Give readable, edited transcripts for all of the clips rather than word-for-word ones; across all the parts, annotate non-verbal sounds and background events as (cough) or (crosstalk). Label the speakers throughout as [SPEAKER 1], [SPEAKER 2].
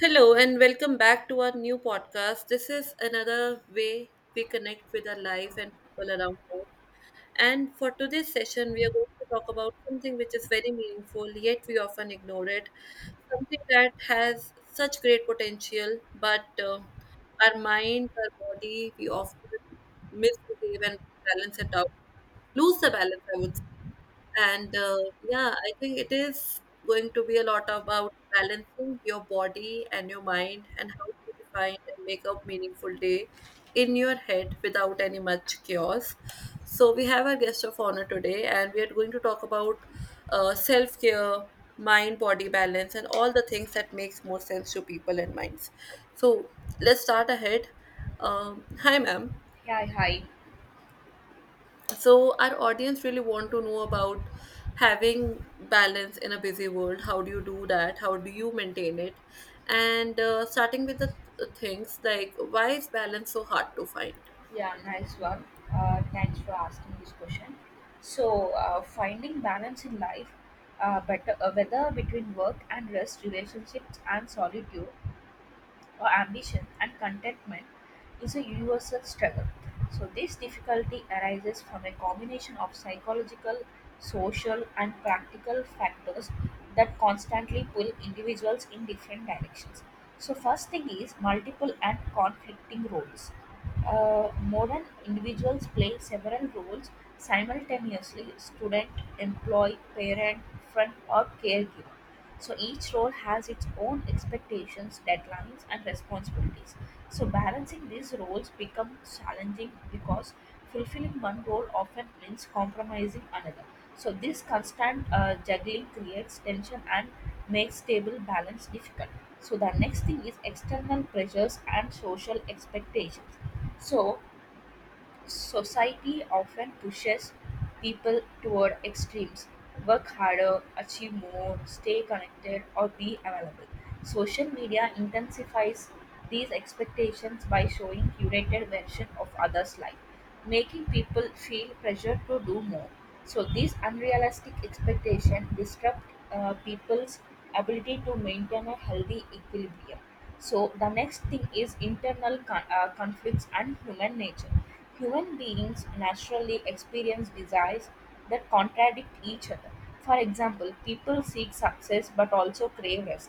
[SPEAKER 1] Hello, and welcome back to our new podcast. This is another way we connect with our life and people around us. And for today's session, we are going to talk about something which is very meaningful, yet we often ignore it. Something that has such great potential, but our mind, our body, we often misbehave and balance it out, lose the balance, I would say. I think it is going to be a lot about balancing your body and your mind and how to define and make a meaningful day in your head without any much chaos. So, we have our guest of honor today, and we are going to talk about self care, mind body balance, and all the things that makes more sense to people and minds. So, let's start ahead. Hi, ma'am,
[SPEAKER 2] Yeah, hi.
[SPEAKER 1] so our audience really want to know about having balance in a busy world. How do you do that? How do you maintain it? And starting with the things like, why is balance so hard to find?
[SPEAKER 2] Yeah, nice one. Thanks for asking this question. So, finding balance in life, better whether between work and rest, relationships and solitude, or ambition and contentment, is a universal struggle. So, this difficulty arises from a combination of psychological, social, and practical factors that constantly pull individuals in different directions. So, first thing is multiple and conflicting roles. Modern individuals play several roles simultaneously: student, employee, parent, friend, or caregiver. So each role has its own expectations, deadlines, and responsibilities. So balancing these roles becomes challenging because fulfilling one role often means compromising another. So this constant juggling creates tension and makes stable balance difficult. So the next thing is external pressures and social expectations. So society often pushes people toward extremes: work harder, achieve more, stay connected, or be available. Social media intensifies these expectations by showing curated version of others' life, making people feel pressure to do more. So these unrealistic expectations disrupt people's ability to maintain a healthy equilibrium. So the next thing is internal conflicts and human nature. Human beings naturally experience desires that contradict each other. For example, people seek success but also crave rest.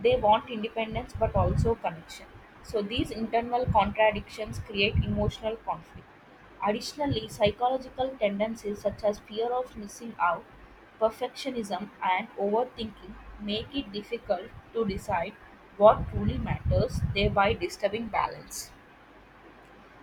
[SPEAKER 2] They want independence but also connection. So, these internal contradictions create emotional conflict. Additionally, psychological tendencies such as fear of missing out, perfectionism, and overthinking make it difficult to decide what truly matters, thereby disturbing balance.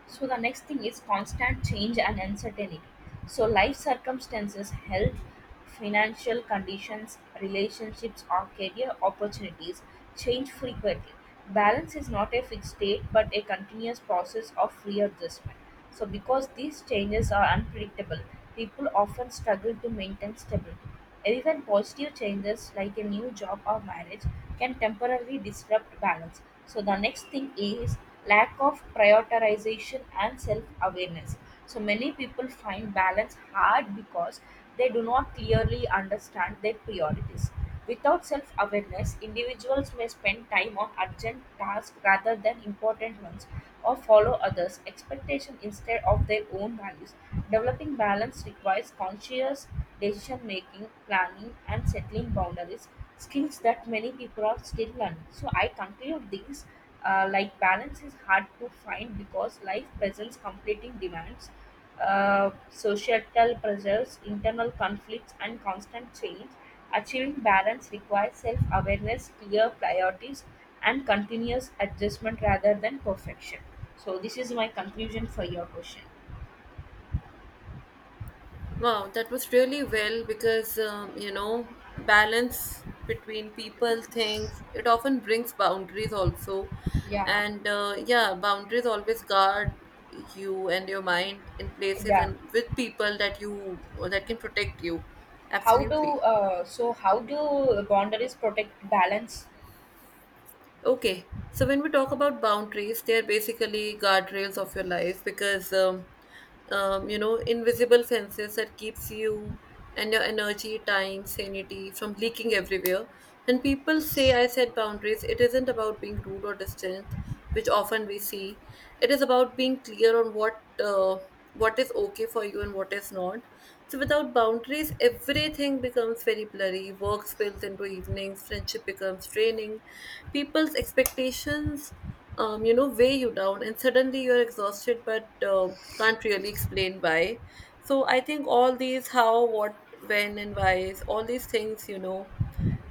[SPEAKER 2] So the next thing is constant change and uncertainty. So life circumstances, health, financial conditions, relationships or career opportunities change frequently. Balance is not a fixed state but a continuous process of readjustment. So, because these changes are unpredictable, people often struggle to maintain stability. Even positive changes like a new job or marriage can temporarily disrupt balance. So, the next thing is lack of prioritization and self awareness. So, many people find balance hard because they do not clearly understand their priorities. Without self awareness, individuals may spend time on urgent tasks rather than important ones or follow others' expectations instead of their own values. Developing balance requires conscious decision making, planning, and settling boundaries, skills that many people are still learning. So, I conclude these like balance is hard to find because life presents competing demands, societal pressures, internal conflicts, and constant change. Achieving balance requires self-awareness, clear priorities, and continuous adjustment rather than perfection. So this is my conclusion for your question.
[SPEAKER 1] Wow, that was really well because, you know, balance between people, things, it often brings boundaries also.
[SPEAKER 2] Yeah,
[SPEAKER 1] And yeah, boundaries always guard you and your mind in places
[SPEAKER 2] yeah.
[SPEAKER 1] and with people that you that can protect you.
[SPEAKER 2] How do
[SPEAKER 1] Absolutely.
[SPEAKER 2] How do boundaries protect balance?
[SPEAKER 1] Okay, so when we talk about boundaries, they are basically guardrails of your life, because you know, invisible fences that keeps you and your energy, time, sanity from leaking everywhere. When people say I set boundaries, it isn't about being rude or distant, which often we see. It is about being clear on what, uh, what is okay for you and what is not. So without boundaries everything becomes very blurry. Work spills into evenings, friendship becomes draining, people's expectations, you know, weigh you down, and suddenly you're exhausted, but can't really explain why. So I think all these how, what, when, and whys, all these things, you know,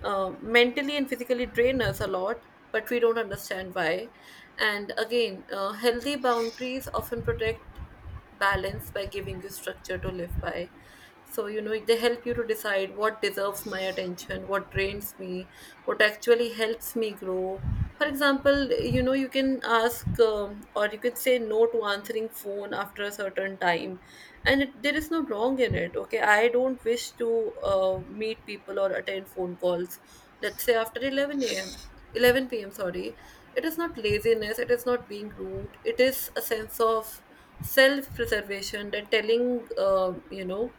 [SPEAKER 1] mentally and physically drain us a lot, but we don't understand why. And again, healthy boundaries often protect balance by giving you structure to live by. So, you know, they help you to decide what deserves my attention, what drains me, what actually helps me grow. For example, you know, you can ask or you can say no to answering phone after a certain time, and it, there is no wrong in it. Okay, I don't wish to meet people or attend phone calls, let's say after 11 a.m., 11 p.m., sorry. It is not laziness, it is not being rude, it is a sense of self preservation, that telling you know,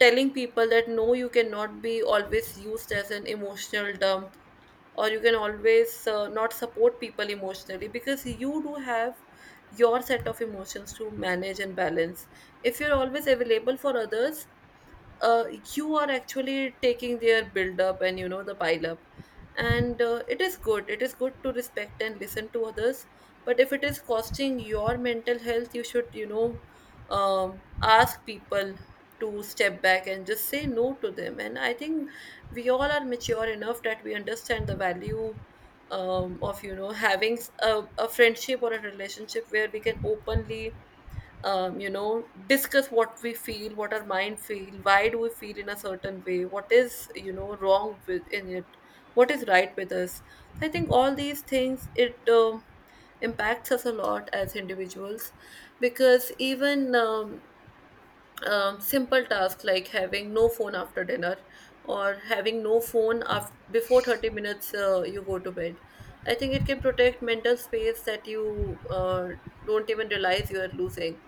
[SPEAKER 1] telling people that no, you cannot be always used as an emotional dump, or you can always not support people emotionally, because you do have your set of emotions to manage and balance. If you're always available for others, uh, you are actually taking their build up and, you know, the pile up. And it is good, it is good to respect and listen to others, but if it is costing your mental health, you should, you know, ask people to step back and just say no to them. And I think we all are mature enough that we understand the value, of you know, having a friendship or a relationship where we can openly, you know, discuss what we feel, what our mind feel, why do we feel in a certain way, what is, you know, wrong with in it, what is right with us. So I think all these things, it impacts us a lot as individuals, because even simple tasks like having no phone after dinner, or having no phone after, before 30 minutes you go to bed, I think it can protect mental space that you don't even realize you are losing.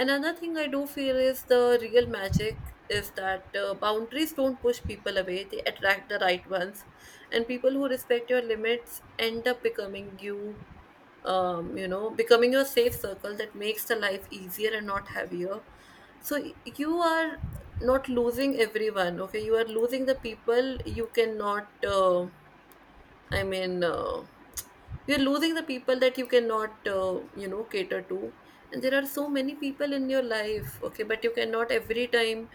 [SPEAKER 1] Another thing I do feel is the real magic is that boundaries don't push people away, they attract the right ones. And people who respect your limits end up becoming you, you know, becoming your safe circle that makes the life easier and not heavier. So you are not losing everyone, okay? You are losing the people you cannot. I mean, uh, you're losing the people that you cannot, you know, cater to. And there are so many people in your life, okay, but you cannot every time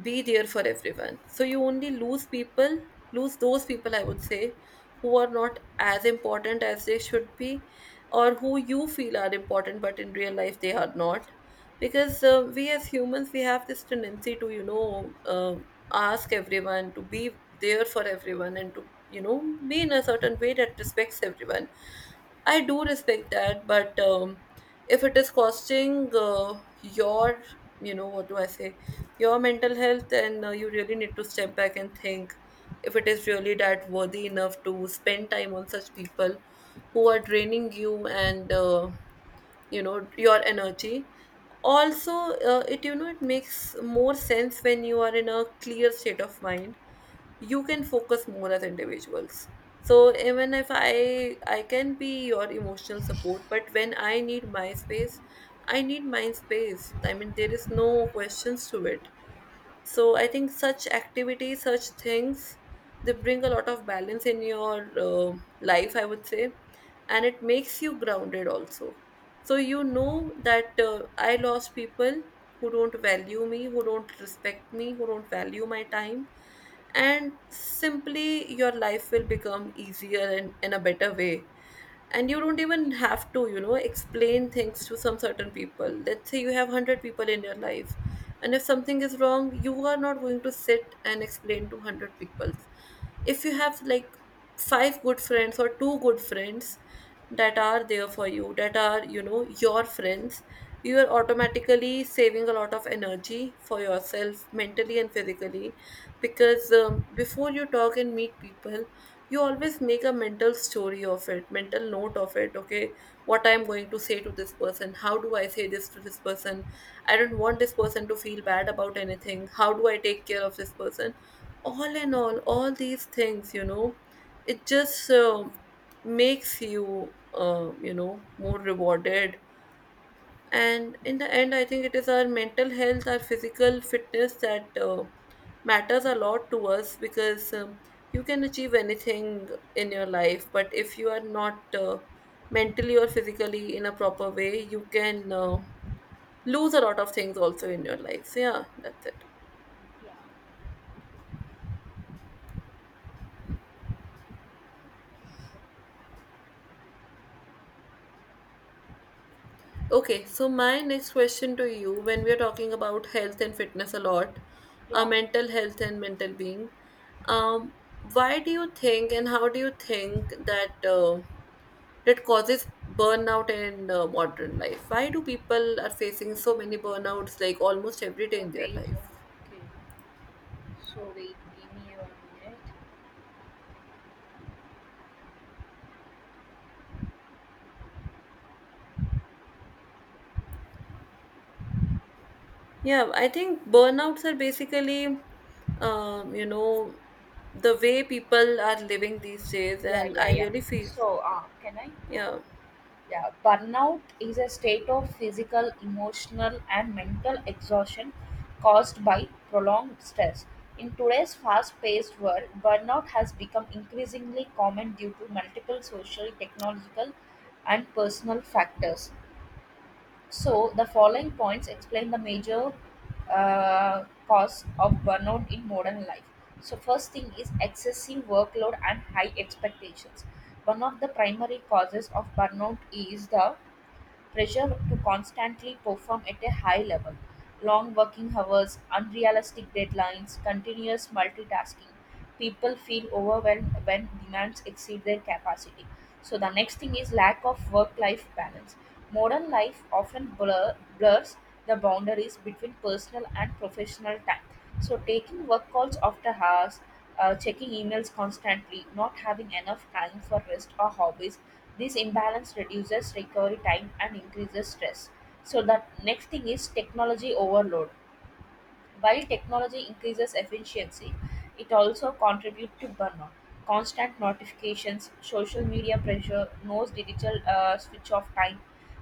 [SPEAKER 1] be there for everyone. So you only lose people, lose those people, I would say, who are not as important as they should be, or who you feel are important, but in real life they are not, because we as humans, we have this tendency to, you know, ask everyone to be there for everyone, and to, you know, be in a certain way that respects everyone. I do respect that, but if it is costing your, you know, what do I say, your mental health, then you really need to step back and think if it is really that worthy enough to spend time on such people who are draining you and you know, your energy also. It, you know, it makes more sense when you are in a clear state of mind, you can focus more as individuals. So even if I can be your emotional support, but when I need my space, I need my space, I mean, there is no questions to it. So I think such activities, such things, they bring a lot of balance in your life, I would say, and it makes you grounded also. So you know that, I lost people who don't value me, who don't respect me, who don't value my time, and simply your life will become easier and in a better way. And you don't even have to, you know, explain things to some certain people. Let's say you have 100 people in your life, and if something is wrong, you are not going to sit and explain to 100 people. If you have like five good friends or two good friends that are there for you, that are, you know, your friends, you are automatically saving a lot of energy for yourself mentally and physically, because before you talk and meet people, you always make a mental story of it, mental note of it. Okay, what I'm going to say to this person, how do I say this to this person, I don't want this person to feel bad about anything, how do I take care of this person. All in all, all these things, you know, it just makes you, you know, more rewarded. And in the end, I think it is our mental health, our physical fitness that matters a lot to us, because you can achieve anything in your life, but if you are not mentally or physically in a proper way, you can lose a lot of things also in your life. So, yeah, that's it.
[SPEAKER 2] Yeah,
[SPEAKER 1] Okay, so my next question to you, when we are talking about health and fitness a lot,
[SPEAKER 2] yeah.
[SPEAKER 1] mental health and mental being, why do you think and how do you think that that causes burnout in modern life? Why do people are facing so many burnouts like almost every day in their
[SPEAKER 2] Wait,
[SPEAKER 1] life?
[SPEAKER 2] okay. So wait, give me a minute.
[SPEAKER 1] Yeah, I think burnouts are basically, you know, the way people are living these days,
[SPEAKER 2] Yeah,
[SPEAKER 1] and
[SPEAKER 2] yeah,
[SPEAKER 1] I
[SPEAKER 2] yeah.
[SPEAKER 1] really feel,
[SPEAKER 2] So can I? Uh,
[SPEAKER 1] yeah.
[SPEAKER 2] Yeah, burnout is a state of physical, emotional, and mental exhaustion caused by prolonged stress. In today's fast paced world, burnout has become increasingly common due to multiple social, technological, and personal factors. So, the following points explain the major cause of burnout in modern life. So, first thing is excessive workload and high expectations. One of the primary causes of burnout is the pressure to constantly perform at a high level: long working hours, unrealistic deadlines, continuous multitasking. People feel overwhelmed when demands exceed their capacity. So the next thing is lack of work-life balance. Modern life often blurs the boundaries between personal and professional time. So taking work calls after hours, checking emails constantly, not having enough time for rest or hobbies. This imbalance reduces recovery time and increases stress. So, that next thing is technology overload. While technology increases efficiency, it also contributes to burnout. Constant notifications, social media pressure, no digital switch off time,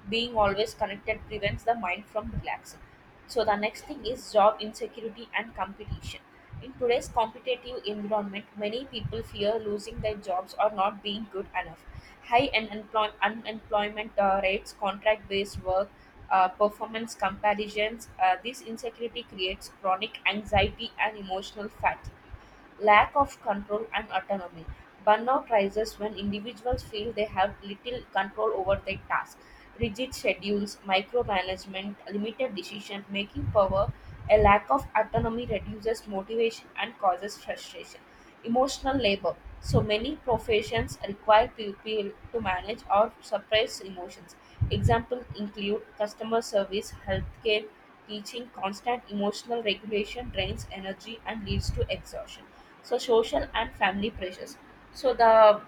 [SPEAKER 2] being always connected prevents the mind from relaxing. So the next thing is job insecurity and competition. In today's competitive environment, many people fear losing their jobs or not being good enough. High unemployment rates, contract based work, performance comparisons. This insecurity creates chronic anxiety and emotional fatigue. Lack of control and autonomy. Burnout rises when individuals feel they have little control over their tasks. Rigid schedules, micromanagement, limited decision making power, a lack of autonomy reduces motivation and causes frustration. Emotional labor. So many professions require people to manage or suppress emotions. Examples include customer service, healthcare, teaching. Constant emotional regulation drains energy and leads to exhaustion. So social and family pressures. So the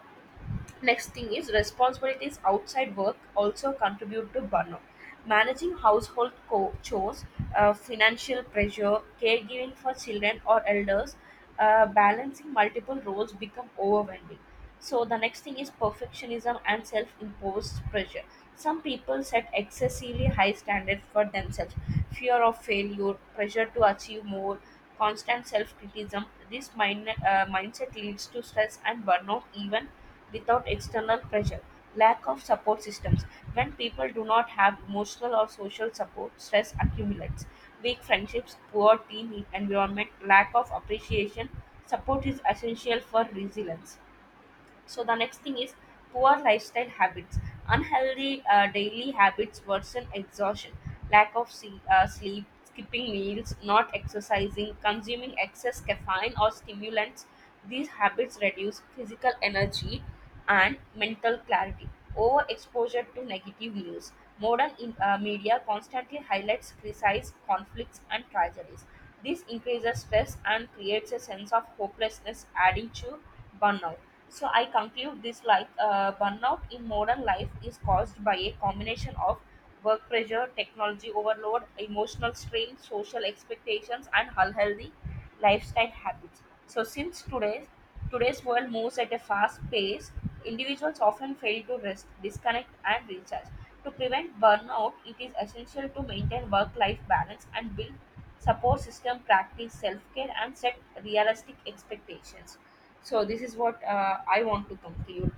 [SPEAKER 2] next thing is responsibilities outside work also contribute to burnout. Managing household chores, financial pressure, caregiving for children or elders, balancing multiple roles become overwhelming. So the next thing is perfectionism and self-imposed pressure. Some people set excessively high standards for themselves, fear of failure, pressure to achieve more, constant self criticism. This mindset leads to stress and burnout even without external pressure. Lack of support systems. When people do not have emotional or social support, stress accumulates. Weak friendships, poor team environment, lack of appreciation. Support is essential for resilience. So the next thing is poor lifestyle habits. Unhealthy daily habits worsen exhaustion: lack of sleep, skipping meals, not exercising, consuming excess caffeine or stimulants. These habits reduce physical energy and mental clarity. Overexposure to negative news. Modern media constantly highlights criticizes conflicts and tragedies. This increases stress and creates a sense of hopelessness, adding to burnout. So I conclude this like burnout in modern life is caused by a combination of work pressure, technology overload, emotional strain, social expectations, and unhealthy lifestyle habits. So since today's world moves at a fast pace, individuals often fail to rest, disconnect, and recharge. To prevent burnout, it is essential to maintain work-life balance and build support system, practice self-care, and set realistic expectations. So this is what I want to conclude.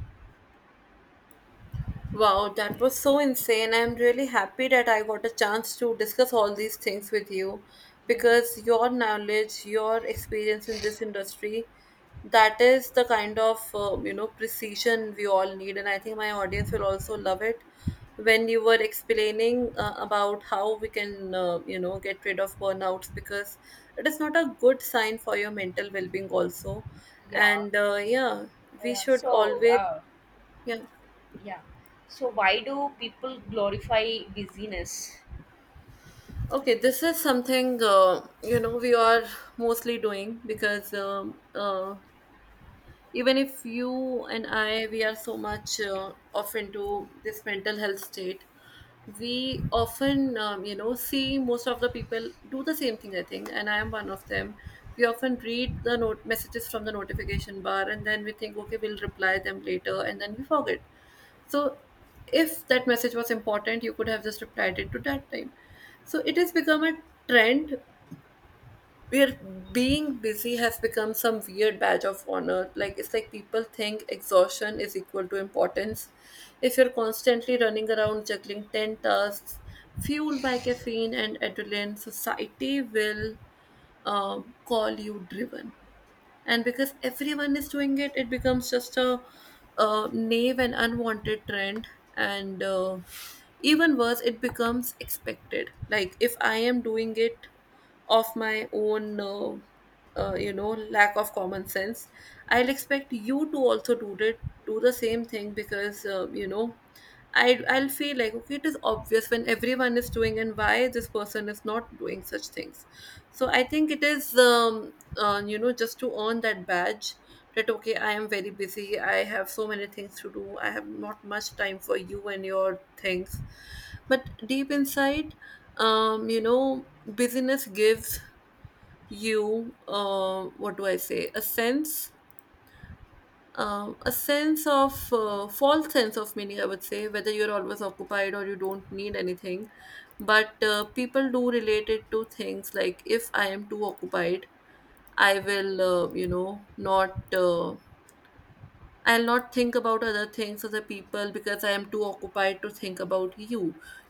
[SPEAKER 1] Wow, that was so insane. I'm really happy that I got a chance to discuss all these things with you,
[SPEAKER 2] Yeah.
[SPEAKER 1] because your knowledge, your experience in this industry, that is the kind of you know, precision we all need, and I think my audience will also love it. When you were explaining about how we can you know, get rid of burnouts, because it is not a good sign for your mental well-being also,
[SPEAKER 2] Yeah.
[SPEAKER 1] and yeah, we
[SPEAKER 2] Yeah.
[SPEAKER 1] should
[SPEAKER 2] So
[SPEAKER 1] always yeah.
[SPEAKER 2] yeah. so why do people glorify busyness?
[SPEAKER 1] Okay, this is something, you know, we are mostly doing because even if you and I we are so much off into this mental health state, we often you know, see most of the people do the same thing. I think, and I am one of them. We often read the note messages from the notification bar, and then we think, okay, we'll reply them later, and then we forget. So if that message was important, you could have just replied it to that time. So it has become a trend where being busy has become some weird badge of honor. Like, it's like people think exhaustion is equal to importance. If you're constantly running around juggling 10 tasks, fueled by caffeine and adrenaline, society will call you driven, and because everyone is doing it, it becomes just a naive and unwanted trend. And even worse, it becomes expected. Like if I am doing it of my own uh, you know lack of common sense, I'll expect you to also do it, do the same thing, because I'll feel like, okay, it is obvious when everyone is doing, and why this person is not doing such things. So I think it is just to earn that badge, that okay, I am very busy. I have so many things to do. I have not much time for you and your things. But deep inside, busyness gives you, what do I say? A sense, a sense of, false sense of meaning, I would say, whether you're always occupied or you don't need anything. But people do relate it to things. Like if I am too occupied, I will, not, I'll not think about other things, other people, because I am too occupied to think about you.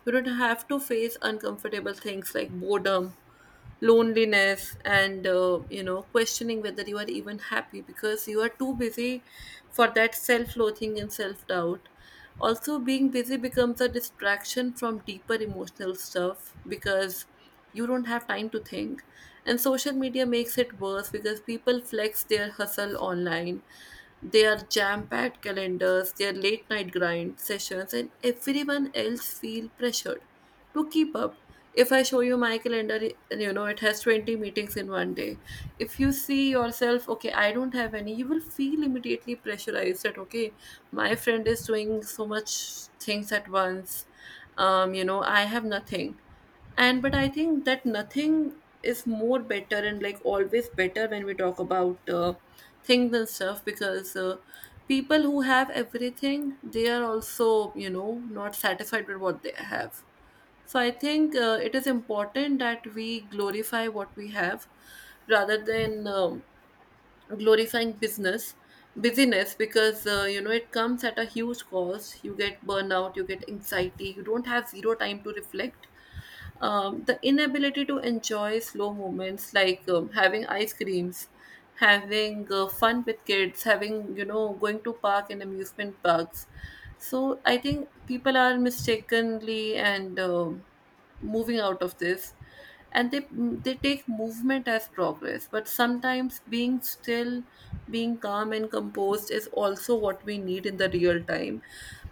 [SPEAKER 1] You don't have to face uncomfortable things like boredom, loneliness, and questioning whether you are even happy because you are too busy for that self-loathing and self-doubt. Also, being busy becomes a distraction from deeper emotional stuff because you don't have time to think. And social media makes it worse because people flex their hustle online. They are jam-packed calendars, their late night grind sessions, and everyone else feel pressured to keep up. If I show you my calendar, it has 20 meetings in one day. If you see yourself, okay, I don't have any, you will feel immediately pressurized that, okay, my friend is doing so much things at once. I have nothing, and but I think that nothing is more better and like always better when we talk about, things and stuff, because people who have everything, they are also, you know, not satisfied with what they have. So I think it is important that we glorify what we have rather than glorifying business, busyness, because it comes at a huge cost. You get burnout, you get anxiety, you don't have zero time to reflect, the inability to enjoy slow moments, like having ice creams, having fun with kids, having, you know, going to park and amusement parks. So I think people are mistakenly and moving out of this, and they take movement as progress, but sometimes being still, being calm and composed, is also what we need in the real time.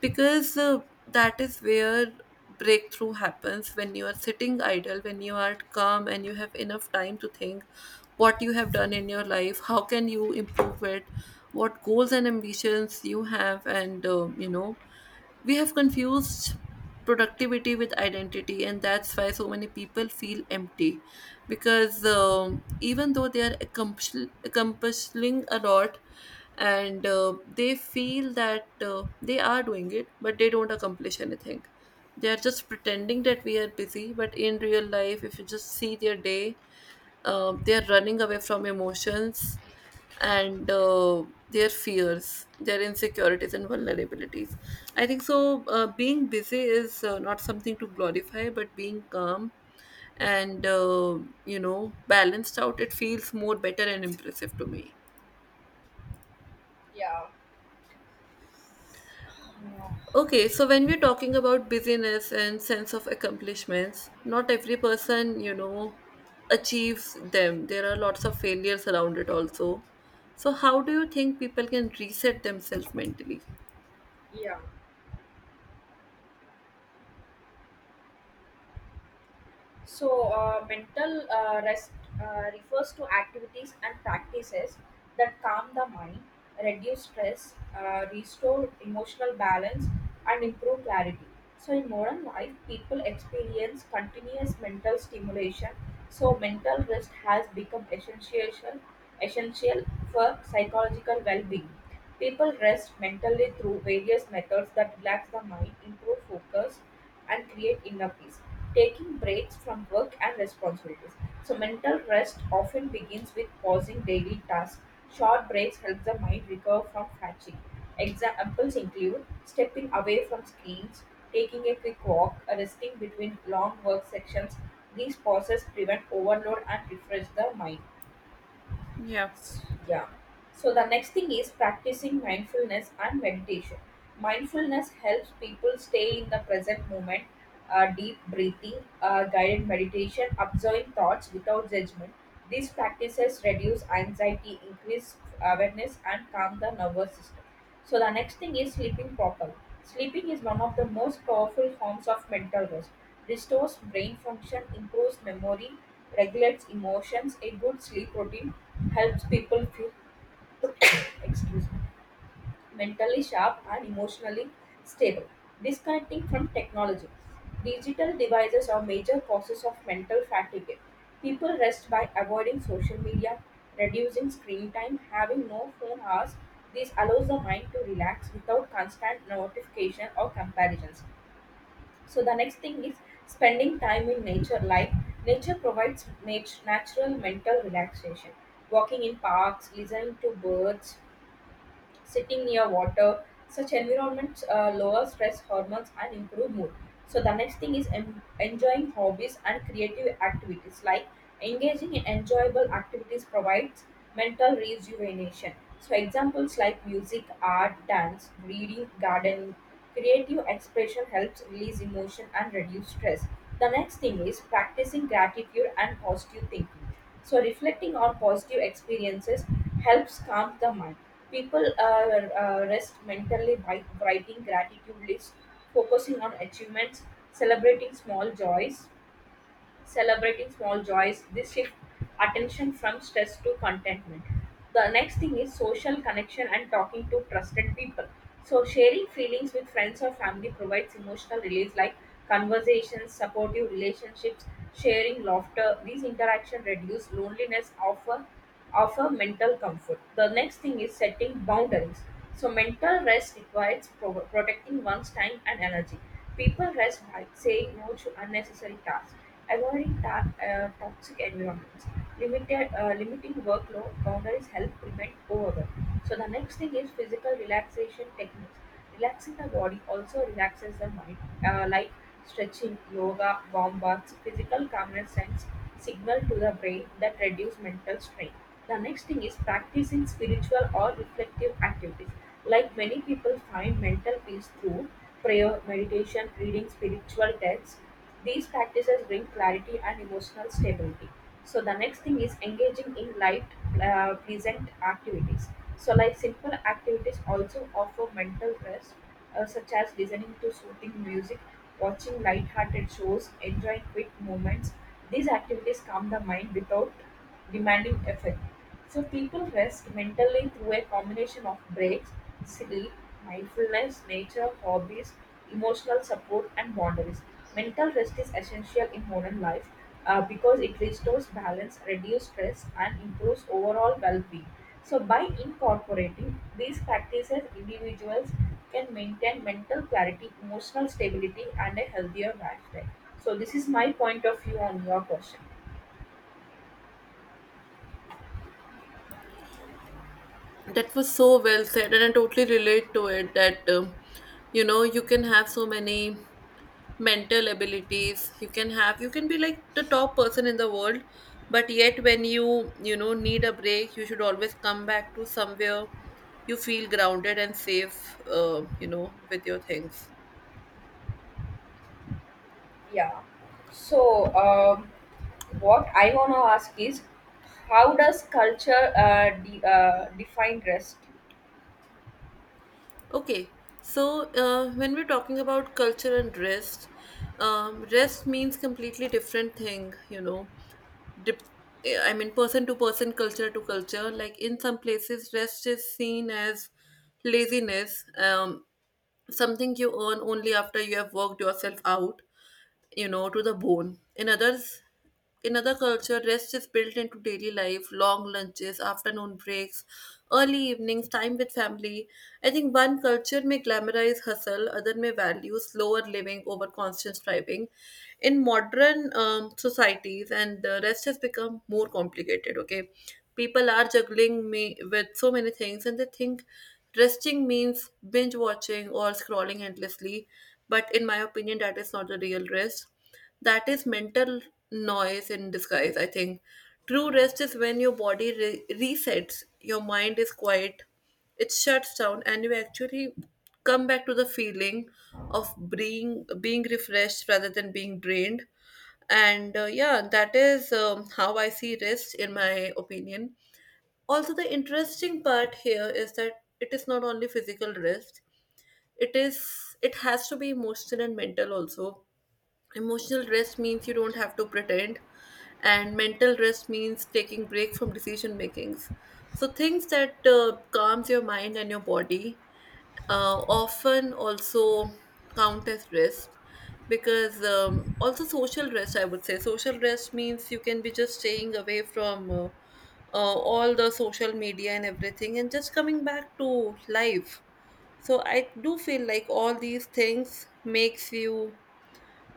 [SPEAKER 1] Because that is where breakthrough happens, when you are sitting idle, when you are calm and you have enough time to think what you have done in your life, how can you improve it, what goals and ambitions you have. And we have confused productivity with identity, and that's why so many people feel empty. Because even though they are accomplishing a lot, and they feel that they are doing it, but they don't accomplish anything. They are just pretending that we are busy, but in real life, if you just see their day, they're running away from emotions and their fears, their insecurities, and vulnerabilities. I think so. Being busy is not something to glorify, but being calm and, balanced out, it feels more better and impressive to me.
[SPEAKER 2] Yeah. Yeah.
[SPEAKER 1] Okay, so when we're talking about busyness and sense of accomplishments, not every person, you know, achieves them. There are lots of failures around it also. So how do you think people can reset themselves mentally?
[SPEAKER 2] Yeah. So, mental rest refers to activities and practices that calm the mind, reduce stress, restore emotional balance, and improve clarity. So, in modern life, people experience continuous mental stimulation. So, mental rest has become essential for psychological well being. People rest mentally through various methods that relax the mind, improve focus and create inner peace. Taking breaks from work and responsibilities. So, mental rest often begins with pausing daily tasks. Short breaks help the mind recover from fatigue. Examples include stepping away from screens, taking a quick walk, resting between long work sections. These pauses prevent overload and refresh the mind.
[SPEAKER 1] Yeah.
[SPEAKER 2] Yeah. So the next thing is practicing mindfulness and meditation. Mindfulness helps people stay in the present moment, deep breathing, guided meditation, observing thoughts without judgment. These practices reduce anxiety, increase awareness, and calm the nervous system. So the next thing is sleeping proper. Sleeping is one of the most powerful forms of mental rest. Restores brain function, improves memory, regulates emotions. A good sleep routine helps people feel (coughs) excuse me, mentally sharp and emotionally stable. Disconnecting from technology. Digital devices are major causes of mental fatigue. People rest by avoiding social media, reducing screen time, having no phone hours. This allows the mind to relax without constant notification or comparisons. So the next thing is spending time in nature. Like nature provides natural mental relaxation. Walking in parks, listening to birds, sitting near water. Such environments lower stress hormones and improve mood. So the next thing is enjoying hobbies and creative activities. Like engaging in enjoyable activities provides mental rejuvenation. So examples like music, art, dance, reading, gardening, creative expression helps release emotion and reduce stress. The next thing is practicing gratitude and positive thinking. So reflecting on positive experiences helps calm the mind. People rest mentally by writing gratitude lists, focusing on achievements, celebrating small joys celebrating small joys. This shift attention from stress to contentment. The next thing is social connection and talking to trusted people. So, sharing feelings with friends or family provides emotional release like conversations, supportive relationships, sharing laughter. These interactions reduce loneliness, offer mental comfort. The next thing is setting boundaries. So, mental rest requires protecting one's time and energy. People rest by saying no to unnecessary tasks. Avoiding toxic environments, limited limiting workload boundaries help prevent overwork. So the next thing is physical relaxation techniques. Relaxing the body also relaxes the mind, like stretching, yoga, warm baths. Physical calmness sends signal to the brain that reduce mental strain. The next thing is practicing spiritual or reflective activities. Like many people find mental peace through prayer, meditation, reading spiritual texts. These practices bring clarity and emotional stability. So the next thing is engaging in light, pleasant activities. So like simple activities also offer mental rest, such as listening to soothing music, watching light-hearted shows, enjoying quick moments. These activities calm the mind without demanding effect. So people rest mentally through a combination of breaks, sleep, mindfulness, nature, hobbies, emotional support, and boundaries. Mental rest is essential in modern life because it restores balance, reduces stress, and improves overall well-being. So by incorporating these practices, individuals can maintain mental clarity, emotional stability, and a healthier lifestyle. So this is my point of view on your question.
[SPEAKER 1] That was so well said, and I totally relate to it that you can have so many mental abilities, you can have, you can be like the top person in the world, but yet when you know, need a break, you should always come back to somewhere you feel grounded and safe, with your things.
[SPEAKER 2] Yeah. So, what I want to ask is, how does culture define rest?
[SPEAKER 1] Okay, so when we're talking about culture and rest, rest means completely different thing, you know, dip- I mean, person to person, culture to culture. Like in some places, rest is seen as laziness. Something you earn only after you have worked yourself out, you know, to the bone. In others, in other culture, rest is built into daily life: long lunches, afternoon breaks, early evenings, time with family. I think one culture may glamorize hustle, other may value slower living over constant striving. In modern societies, and the rest has become more complicated. Okay, people are juggling me with so many things, and they think resting means binge watching or scrolling endlessly. But in my opinion, that is not the real rest. That is mental noise in disguise, I think. True rest is when your body resets, your mind is quiet, it shuts down, and you actually come back to the feeling of being refreshed rather than being drained. And yeah, that is how I see rest in my opinion. Also, the interesting part here is that it is not only physical rest, it is, it has to be emotional and mental also. Emotional rest means you don't have to pretend, and mental rest means taking break from decision makings. So things that calms your mind and your body, often also count as rest. Because also social rest, I would say social rest means you can be just staying away from, all the social media and everything and just coming back to life. So I do feel like all these things makes you,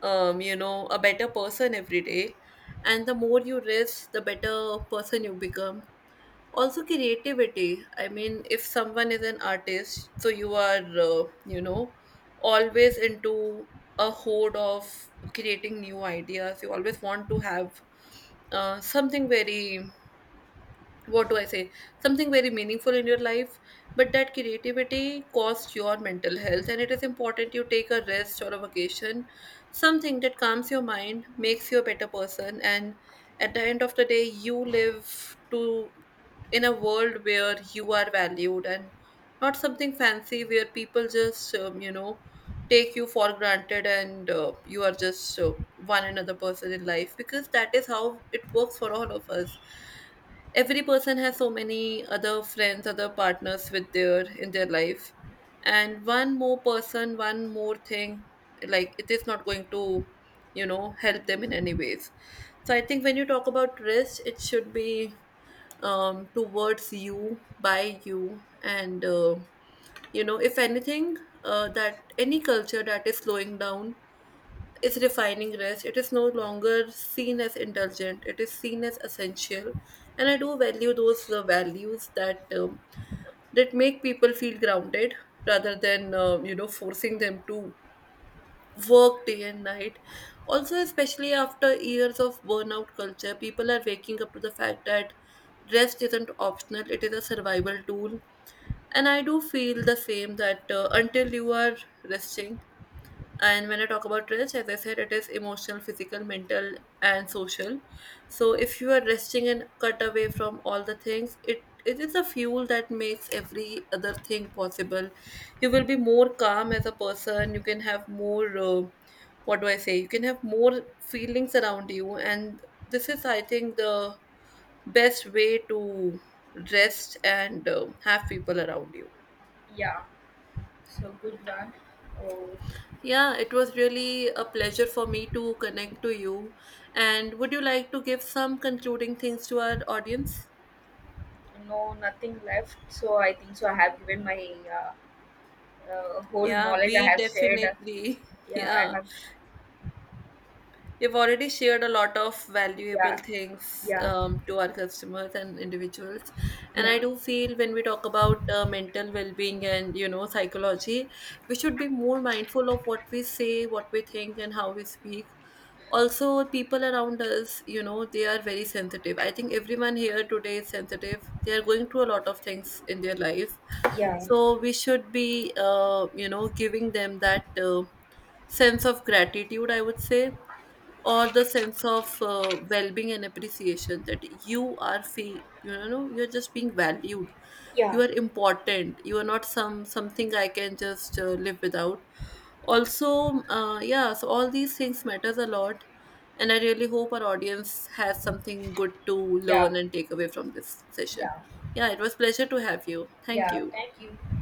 [SPEAKER 1] you know a better person every day. And the more you risk, the better person you become. Also creativity, I mean, if someone is an artist, so you are, always into a horde of creating new ideas. You always want to have something very, what do I say, something very meaningful in your life. But that creativity costs your mental health, and it is important you take a rest or a vacation, something that calms your mind, makes you a better person, and at the end of the day, you live to, in a world where you are valued, and not something fancy where people just, take you for granted, and you are just, one another person in life, because that is how it works for all of us. Every person has so many other friends, other partners with their, in their life, and one more person, one more thing, like, it is not going to, you know, help them in any ways. So I think when you talk about risk, it should be towards you, by you, and if anything, that any culture that is slowing down is refining rest. It is no longer seen as indulgent, it is seen as essential. And I do value those values that that make people feel grounded rather than, forcing them to work day and night. Also, especially after years of burnout culture, people are waking up to the fact that rest isn't optional, it is a survival tool. And I do feel the same that until you are resting, and when I talk about rest, as I said, it is emotional, physical, mental, and social. So if you are resting and cut away from all the things, it is a fuel that makes every other thing possible. You will be more calm as a person. You can have more. What do I say? You can have more feelings around you, and this is, I think, the best way to rest and have people around you.
[SPEAKER 2] Yeah, so good one. Oh,
[SPEAKER 1] Yeah, it was really a pleasure for me to connect to you. And would you like to give some concluding things to our audience?
[SPEAKER 2] no, nothing left. So I think so. I have given my whole
[SPEAKER 1] Yeah,
[SPEAKER 2] knowledge. I
[SPEAKER 1] we
[SPEAKER 2] have shared.
[SPEAKER 1] definitely. (laughs)
[SPEAKER 2] Yeah, I
[SPEAKER 1] Yeah.
[SPEAKER 2] have. Sh-
[SPEAKER 1] You've already shared a lot of valuable
[SPEAKER 2] yeah,
[SPEAKER 1] things
[SPEAKER 2] yeah,
[SPEAKER 1] to our customers and individuals. And I
[SPEAKER 2] yeah,
[SPEAKER 1] do feel when we talk about mental well-being and, you know, psychology, we should be more mindful of what we say, what we think, and how we speak. Also, people around us, you know, they are very sensitive. I think everyone here today is sensitive. They are going through a lot of things in their life.
[SPEAKER 2] yeah,
[SPEAKER 1] So we should be, you know, giving them that sense of gratitude, I would say, or the sense of well-being and appreciation that you are, fee you know you're just being valued, you
[SPEAKER 2] yeah,
[SPEAKER 1] are important, you are not some, something I can just live without. Also yeah, so all these things matters a lot, and I really hope our audience has something good to
[SPEAKER 2] yeah,
[SPEAKER 1] learn and take away from this session.
[SPEAKER 2] yeah,
[SPEAKER 1] Yeah, it was pleasure to have you. Thank
[SPEAKER 2] yeah.
[SPEAKER 1] you.
[SPEAKER 2] Thank you.